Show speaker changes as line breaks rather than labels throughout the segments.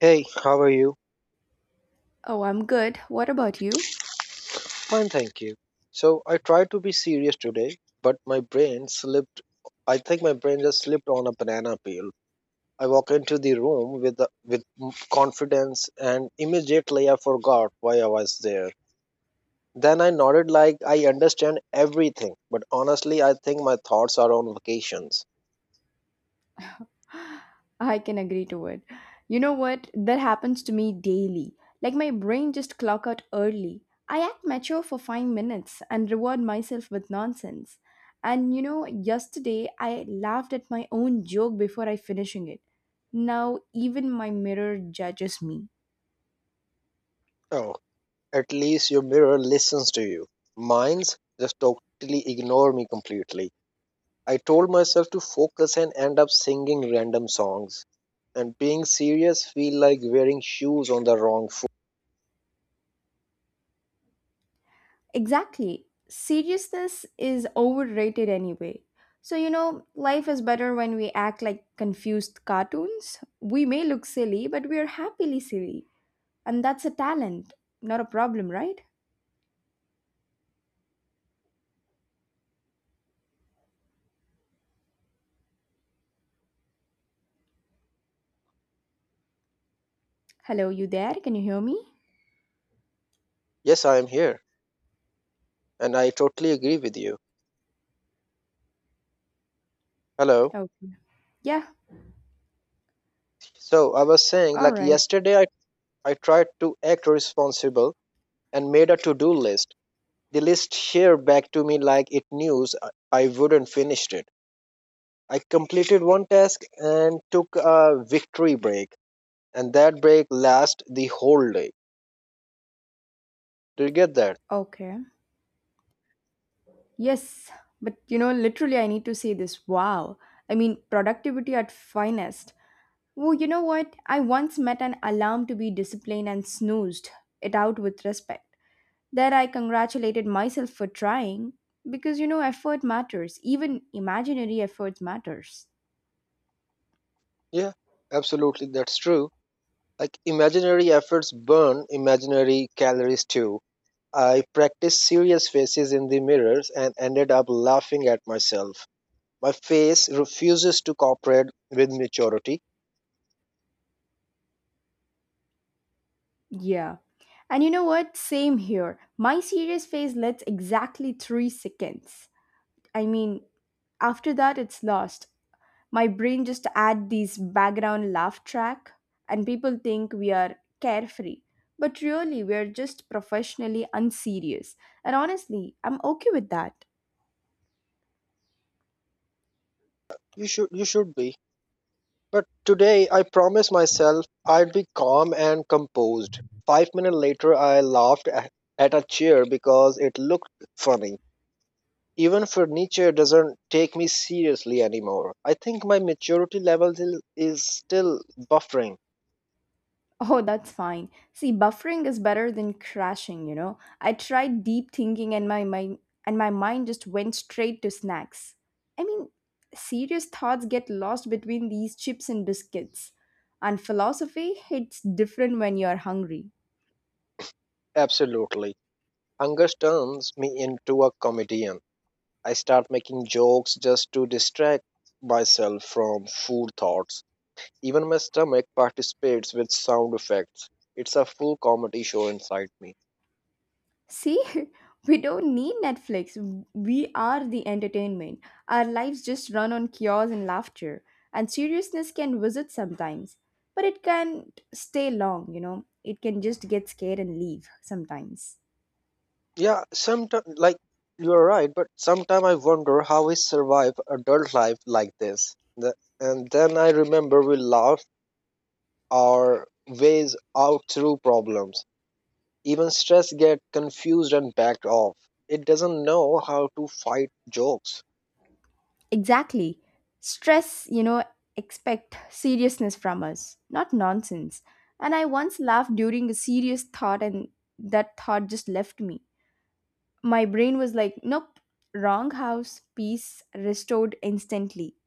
Hey, how are you?
Oh, I'm good. What about you?
Fine, thank you. So I tried to be serious today, but my brain slipped. I think my brain just slipped on a banana peel. I walked into the room with confidence, and immediately I forgot why I was there. Then I nodded like I understand everything, but honestly, I think my thoughts are on vacations.
I can agree to it. You know what? That happens to me daily. Like my brain just clock out early. I act mature for 5 minutes and reward myself with nonsense. And you know, yesterday I laughed at my own joke before I finishing it. Now even my mirror judges me.
Oh, at least your mirror listens to you. Mine's just totally ignore me completely. I told myself to focus and end up singing random songs. And being serious feel like wearing shoes on the wrong foot.
Exactly. Seriousness is overrated anyway. So, you know, life is better when we act like confused cartoons. We may look silly, but we are happily silly. And that's a talent, not a problem, right? Hello, you there? Can you hear me?
Yes, I am here. And I totally agree with you. Hello.
Okay. Yeah,
So I was saying
all
like
right.
I tried to act responsible and made a to-do list. The list shared back to me like it knew I wouldn't finish it. I completed one task and took a victory break. And that break lasted the whole day. Do you get that?
Okay. Yes, but you know, literally, I need to say this. Wow. I mean, productivity at finest. Oh, you know what? I once met an alarm to be disciplined and snoozed it out with respect. There, I congratulated myself for trying because you know, effort matters, even imaginary effort matters.
Yeah, absolutely, that's true. Like imaginary efforts burn imaginary calories too. I practiced serious faces in the mirrors and ended up laughing at myself. My face refuses to cooperate with maturity.
Yeah. And you know what? Same here. My serious phase lasts exactly 3 seconds. I mean, after that, it's lost. My brain just add this background laugh track, and people think we are carefree. But really, we are just professionally unserious. And honestly, I'm okay with that.
You should be. But today I promised myself I'd be calm and composed. 5 minutes later I at a chair because it looked funny. Even furniture doesn't take me seriously anymore. I think my maturity level is still buffering.
Oh, that's fine. See, buffering is better than crashing, you know. I tried deep thinking and my mind just went straight to snacks. I mean, serious thoughts get lost between these chips and biscuits. And philosophy hits different when you're hungry.
Absolutely. Hunger turns me into a comedian. I start making jokes just to distract myself from food thoughts. Even my stomach participates with sound effects. It's a full comedy show inside me.
See, we don't need Netflix. We are the entertainment. Our lives just run on chaos and laughter. And seriousness can visit sometimes, but it can't stay long, you know. It can just get scared and leave sometimes.
Yeah, sometimes, like, you're right, but sometimes I wonder how we survive adult life like this. And then I remember we laughed our ways out through problems. Even stress gets confused and backed off. It doesn't know how to fight jokes.
Exactly. Stress, you know, expect seriousness from us, not nonsense. And I once laughed during a serious thought, and that thought just left me. My brain was like, nope, wrong house, peace restored instantly.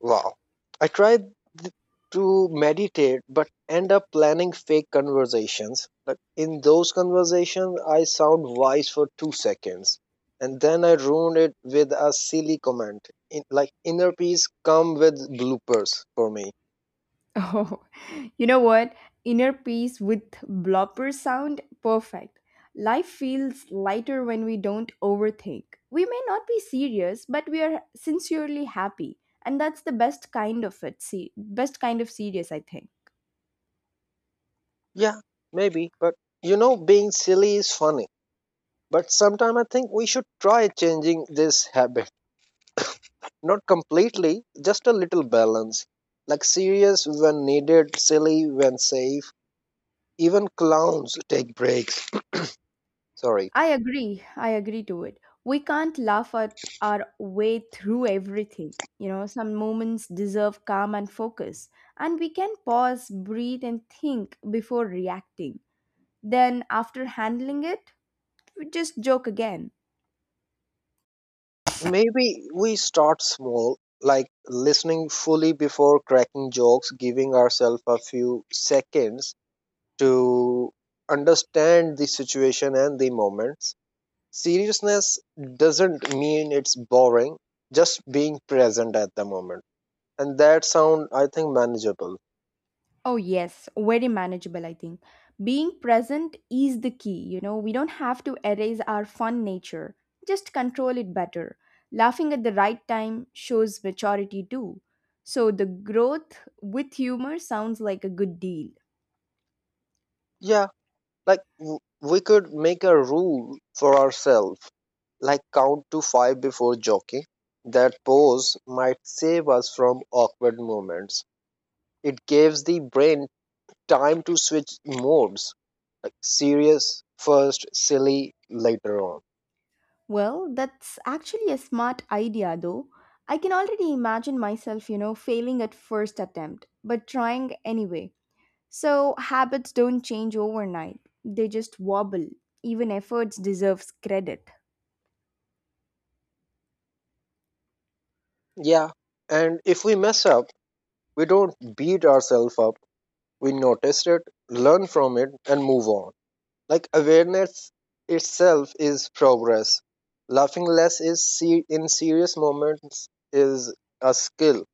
Wow. I tried th- to meditate but end up planning fake conversations. Like in those conversations, I sound wise for 2 seconds. And then I ruined it with a silly comment. Like inner peace come with bloopers for me.
Oh, you know what? Inner peace with blopper sound, perfect. Life feels lighter when we don't overthink. We may not be serious, but we are sincerely happy. And that's the best kind of it, see, best kind of serious, I think.
Yeah, maybe, but you know, being silly is funny. But sometimes I think we should try changing this habit. Not completely, just a little balance. Like serious when needed, silly when safe. Even clowns take breaks. Sorry.
I agree. I agree to it. We can't laugh at our way through everything. You know, some moments deserve calm and focus, and we can pause, breathe, and think before reacting. Then, after handling it, we just joke again.
Maybe we start small, like listening fully before cracking jokes, giving ourselves a few seconds to understand the situation and the moments. Seriousness doesn't mean it's boring, just being present at the moment. And that sound I think manageable.
Oh, yes, very manageable, I think. Being present is the key, you know, we don't have to erase our fun nature, just control it better. Laughing at the right time shows maturity too. So, the growth with humor sounds like a good deal.
Yeah, like w- we could make a rule for ourselves, like count to 5 before joking. That pause might save us from awkward moments. It gives the brain time to switch modes, like serious first, silly later on.
Well, that's actually a smart idea, though. I can already imagine myself, you know, failing at first attempt, but trying anyway. So, habits don't change overnight, they just wobble. Even efforts deserves credit.
Yeah, and if we mess up, we don't beat ourselves up. We notice it, learn from it, and move on. Like awareness itself is progress. Laughing less in serious moments is a skill.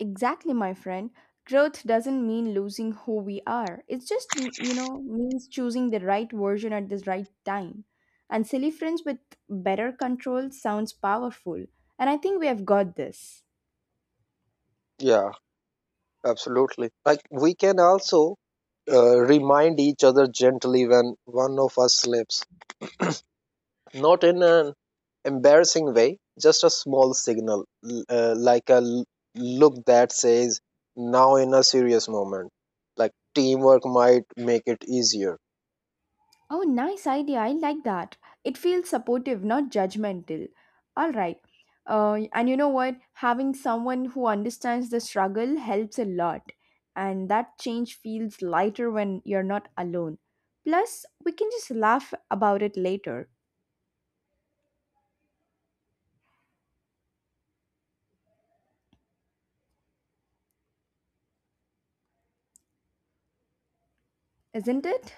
Exactly, my friend. Growth doesn't mean losing who we are. It just, you know, means choosing the right version at the right time. And silly friends with better control sounds powerful. And I think we have got this.
Yeah, absolutely. Like we can also remind each other gently when one of us slips, not in an embarrassing way, just a small signal, like a look that says, now in a serious moment. Like teamwork might make it easier.
Oh, nice idea. I like that. It feels supportive, not judgmental. All right. And you know what? Having someone who understands the struggle helps a lot. And that change feels lighter when you're not alone. Plus, we can just laugh about it later, isn't it?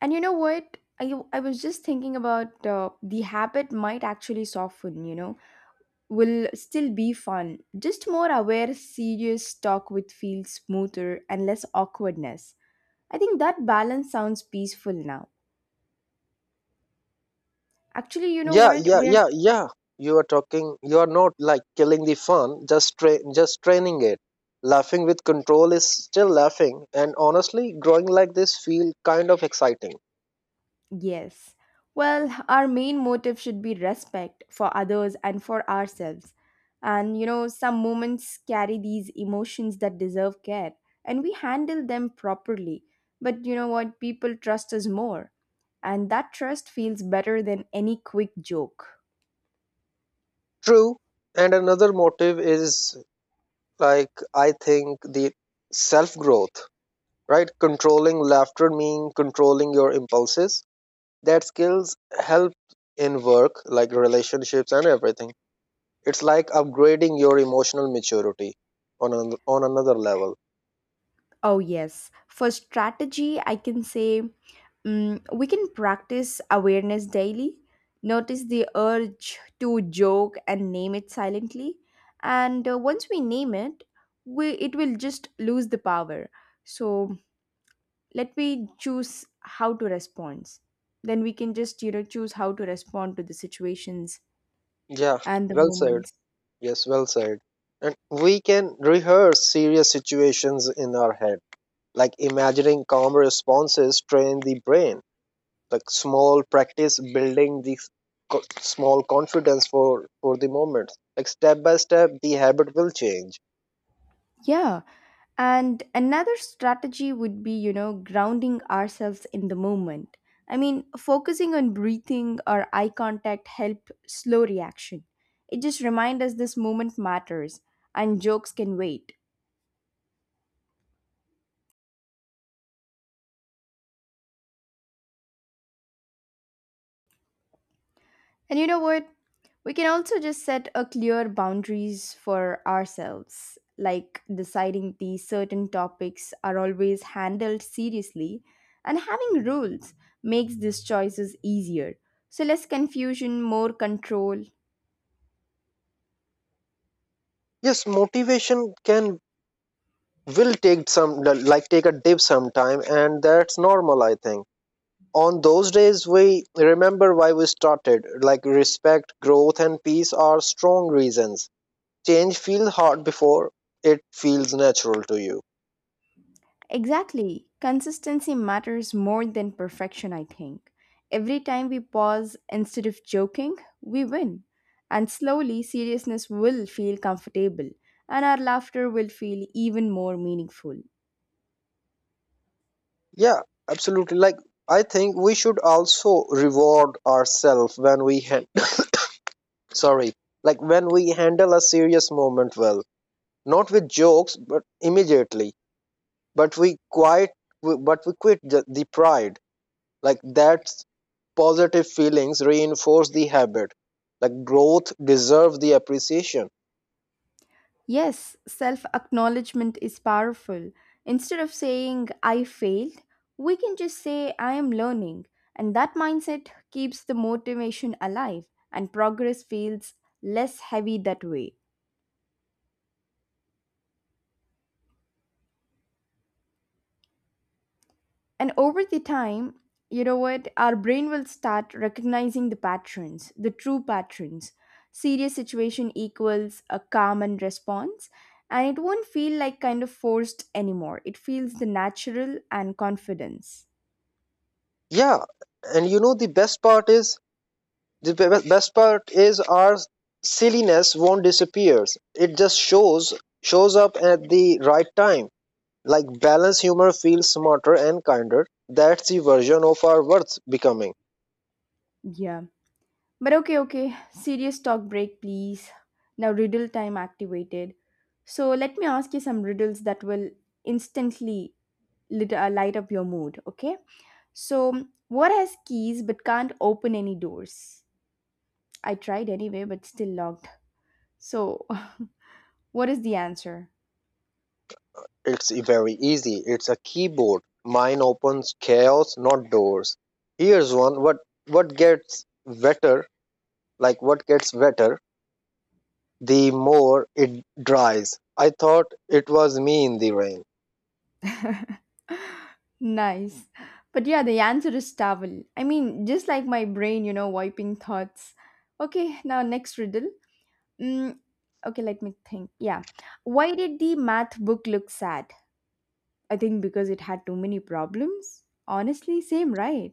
And you know what? I was just thinking about the habit might actually soften, you know? Will still be fun. Just more aware, serious talk would feel smoother and less awkwardness. I think that balance sounds peaceful now. Actually, you know
yeah
what?
yeah
We're,
yeah yeah You are talking, you are not like killing the fun, just training it. Laughing with control is still laughing, and honestly growing like this feel kind of exciting.
yes. Well, our main motive should be respect for others and for ourselves. And, you know, some moments carry these emotions that deserve care, and we handle them properly. But you know what? People trust us more, and that trust feels better than any quick joke.
True. And another motive is, like, I think the self growth, right? Controlling laughter mean controlling your impulses. That skills help in work, like relationships and everything. It's like upgrading your emotional maturity on another level.
Oh, yes. For strategy, I can say we can practice awareness daily, notice the urge to joke and name it silently. And once we name it, we, it will just lose the power. So let me choose how to respond. Then we can just, you know, choose how to respond to the situations
Yeah,
and the
well said.
moments.
Yes, well said. And we can rehearse serious situations in our head, like imagining calm responses train the brain, like small practice building small confidence for the moment. Like step by step, the habit will change.
Yeah. And another strategy would be, you know, grounding ourselves in the moment. I mean, focusing on breathing or eye contact help slow reaction. It just reminds us this moment matters and jokes can wait. And you know what? We can also just set a clear boundaries for ourselves, like deciding these certain topics are always handled seriously and having rules makes these choices easier. So less confusion, more control.
Yes, motivation can will take some, like take a dip sometime, and that's normal, I think. On those days, we remember why we started, like respect, growth, and peace are strong reasons. Change feels hard before it feels natural to you.
Exactly. Consistency matters more than perfection, I think. Every time we pause instead of joking, we win. And slowly, seriousness will feel comfortable, and our laughter will feel even more meaningful.
Yeah, absolutely. Like, I think we should also reward ourselves when we sorry, like when we handle a serious moment well, not with jokes but immediately, but we quite but we quit the pride, like that's positive feelings reinforce the habit. Like growth deserves the appreciation.
Yes, self acknowledgement is powerful. Instead of saying, I failed, we can just say, I am learning. And that mindset keeps the motivation alive, and progress feels less heavy that way. And over the time, you know what? Our brain will start recognizing the patterns, the true patterns. Serious situation equals a calm and response. And it won't feel like kind of forced anymore. It feels the natural and confidence.
Yeah, and you know the best part is best part is our silliness won't disappear. It just shows up at the right time. Like balanced humor feels smarter and kinder. That's the version of our worth becoming.
Yeah. But okay, okay. Serious talk break, please. Now, riddle time activated. So, let me ask you some riddles that will instantly light up your mood, okay? So, what has keys but can't open any doors? I tried anyway, but still locked. So, what is the answer?
It's very easy. It's a keyboard. Mine opens chaos, not doors. Here's one. What gets wetter? Like what gets wetter? The more it dries. I thought it was me in the rain.
Nice. But yeah, the answer is towel. I mean, just like my brain, you know, wiping thoughts. Okay, now next riddle. Mm, okay, let me think. Yeah. Why did the math book look sad? I think because it had too many problems. Honestly, same, right?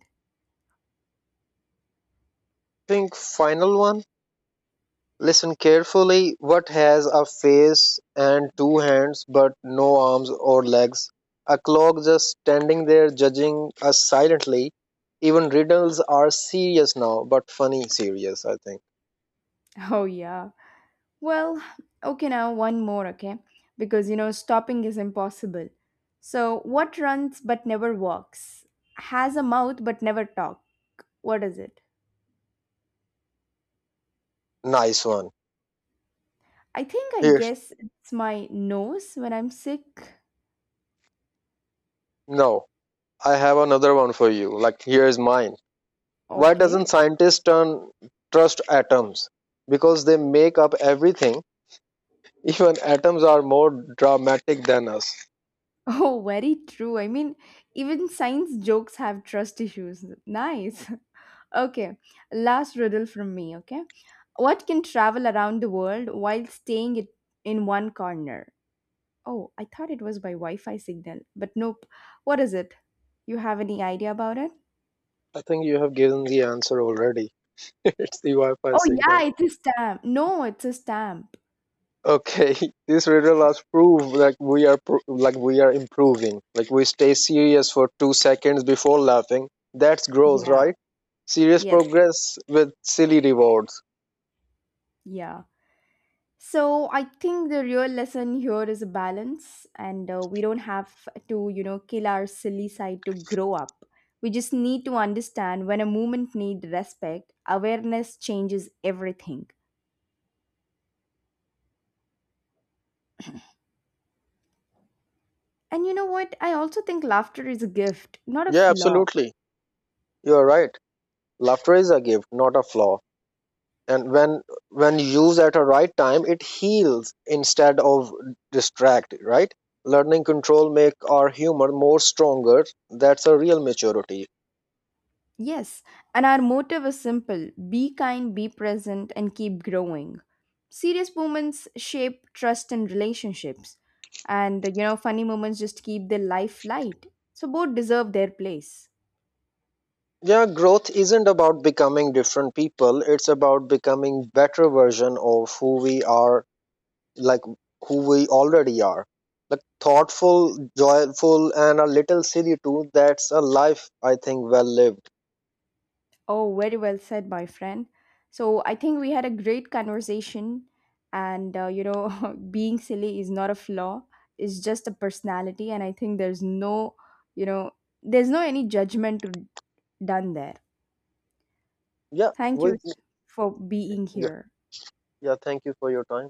Think final one. Listen carefully. What has a face and two hands but no arms or legs? A clock just standing there judging us silently. Even riddles are serious now, but funny serious, I think.
Oh, yeah. Well, okay, now one more, okay? Because you know, stopping is impossible. So, what runs but never walks, has a mouth but never talk? What is it?
Nice one.
I think I
Here's
guess it's my nose when I'm sick.
no. I have another one for you. Like here's mine. Why
Okay.
doesn't scientists turn trust atoms? Because they make up everything. Even atoms are more dramatic than us.
Oh, very true. I mean, even science jokes have trust issues. Nice. Okay, last riddle from me, okay? What can travel around the world while in one corner? Oh, I thought it was by Wi Fi signal, but nope. What is it? You have any idea about it?
I think you have given the answer already. It's the Wi-Fi
Oh,
signal.
yeah, it's a stamp. No, it's a stamp.
Okay, this riddle has proved like like we are improving. Like we stay serious for 2 seconds before laughing. That's growth,
Yeah,
right? Serious
yes,
progress with silly rewards.
yeah. So I think the real lesson here is a balance, and we don't have to, you know, kill our silly side to grow up. We just need to understand when a movement needs respect, awareness changes everything. And you know what? I also think laughter is a gift, not a
Yeah,
flaw.
absolutely. You're right. Laughter is a gift, not a flaw. And when used at a right time, it heals instead of distract, right? Learning control make our humor more stronger. That's a real maturity.
Yes, and our motive is simple be kind, be present, and keep growing. Serious moments shape trust and relationships, and you know, funny moments just keep the life light. So, both deserve their place.
Yeah, growth isn't about becoming different people. It's about becoming better version of who we are, like who we already are. Like thoughtful, joyful, and a little silly too. That's a life I think well lived.
Oh, very well said, my friend. So, I think we had a great conversation, and you know, being silly is not a flaw, it's just a personality, and I think there's no, you know, there's no any judgment to- done there.
Yeah,
Thank
we.
you for being here.
Yeah, thank you for your time.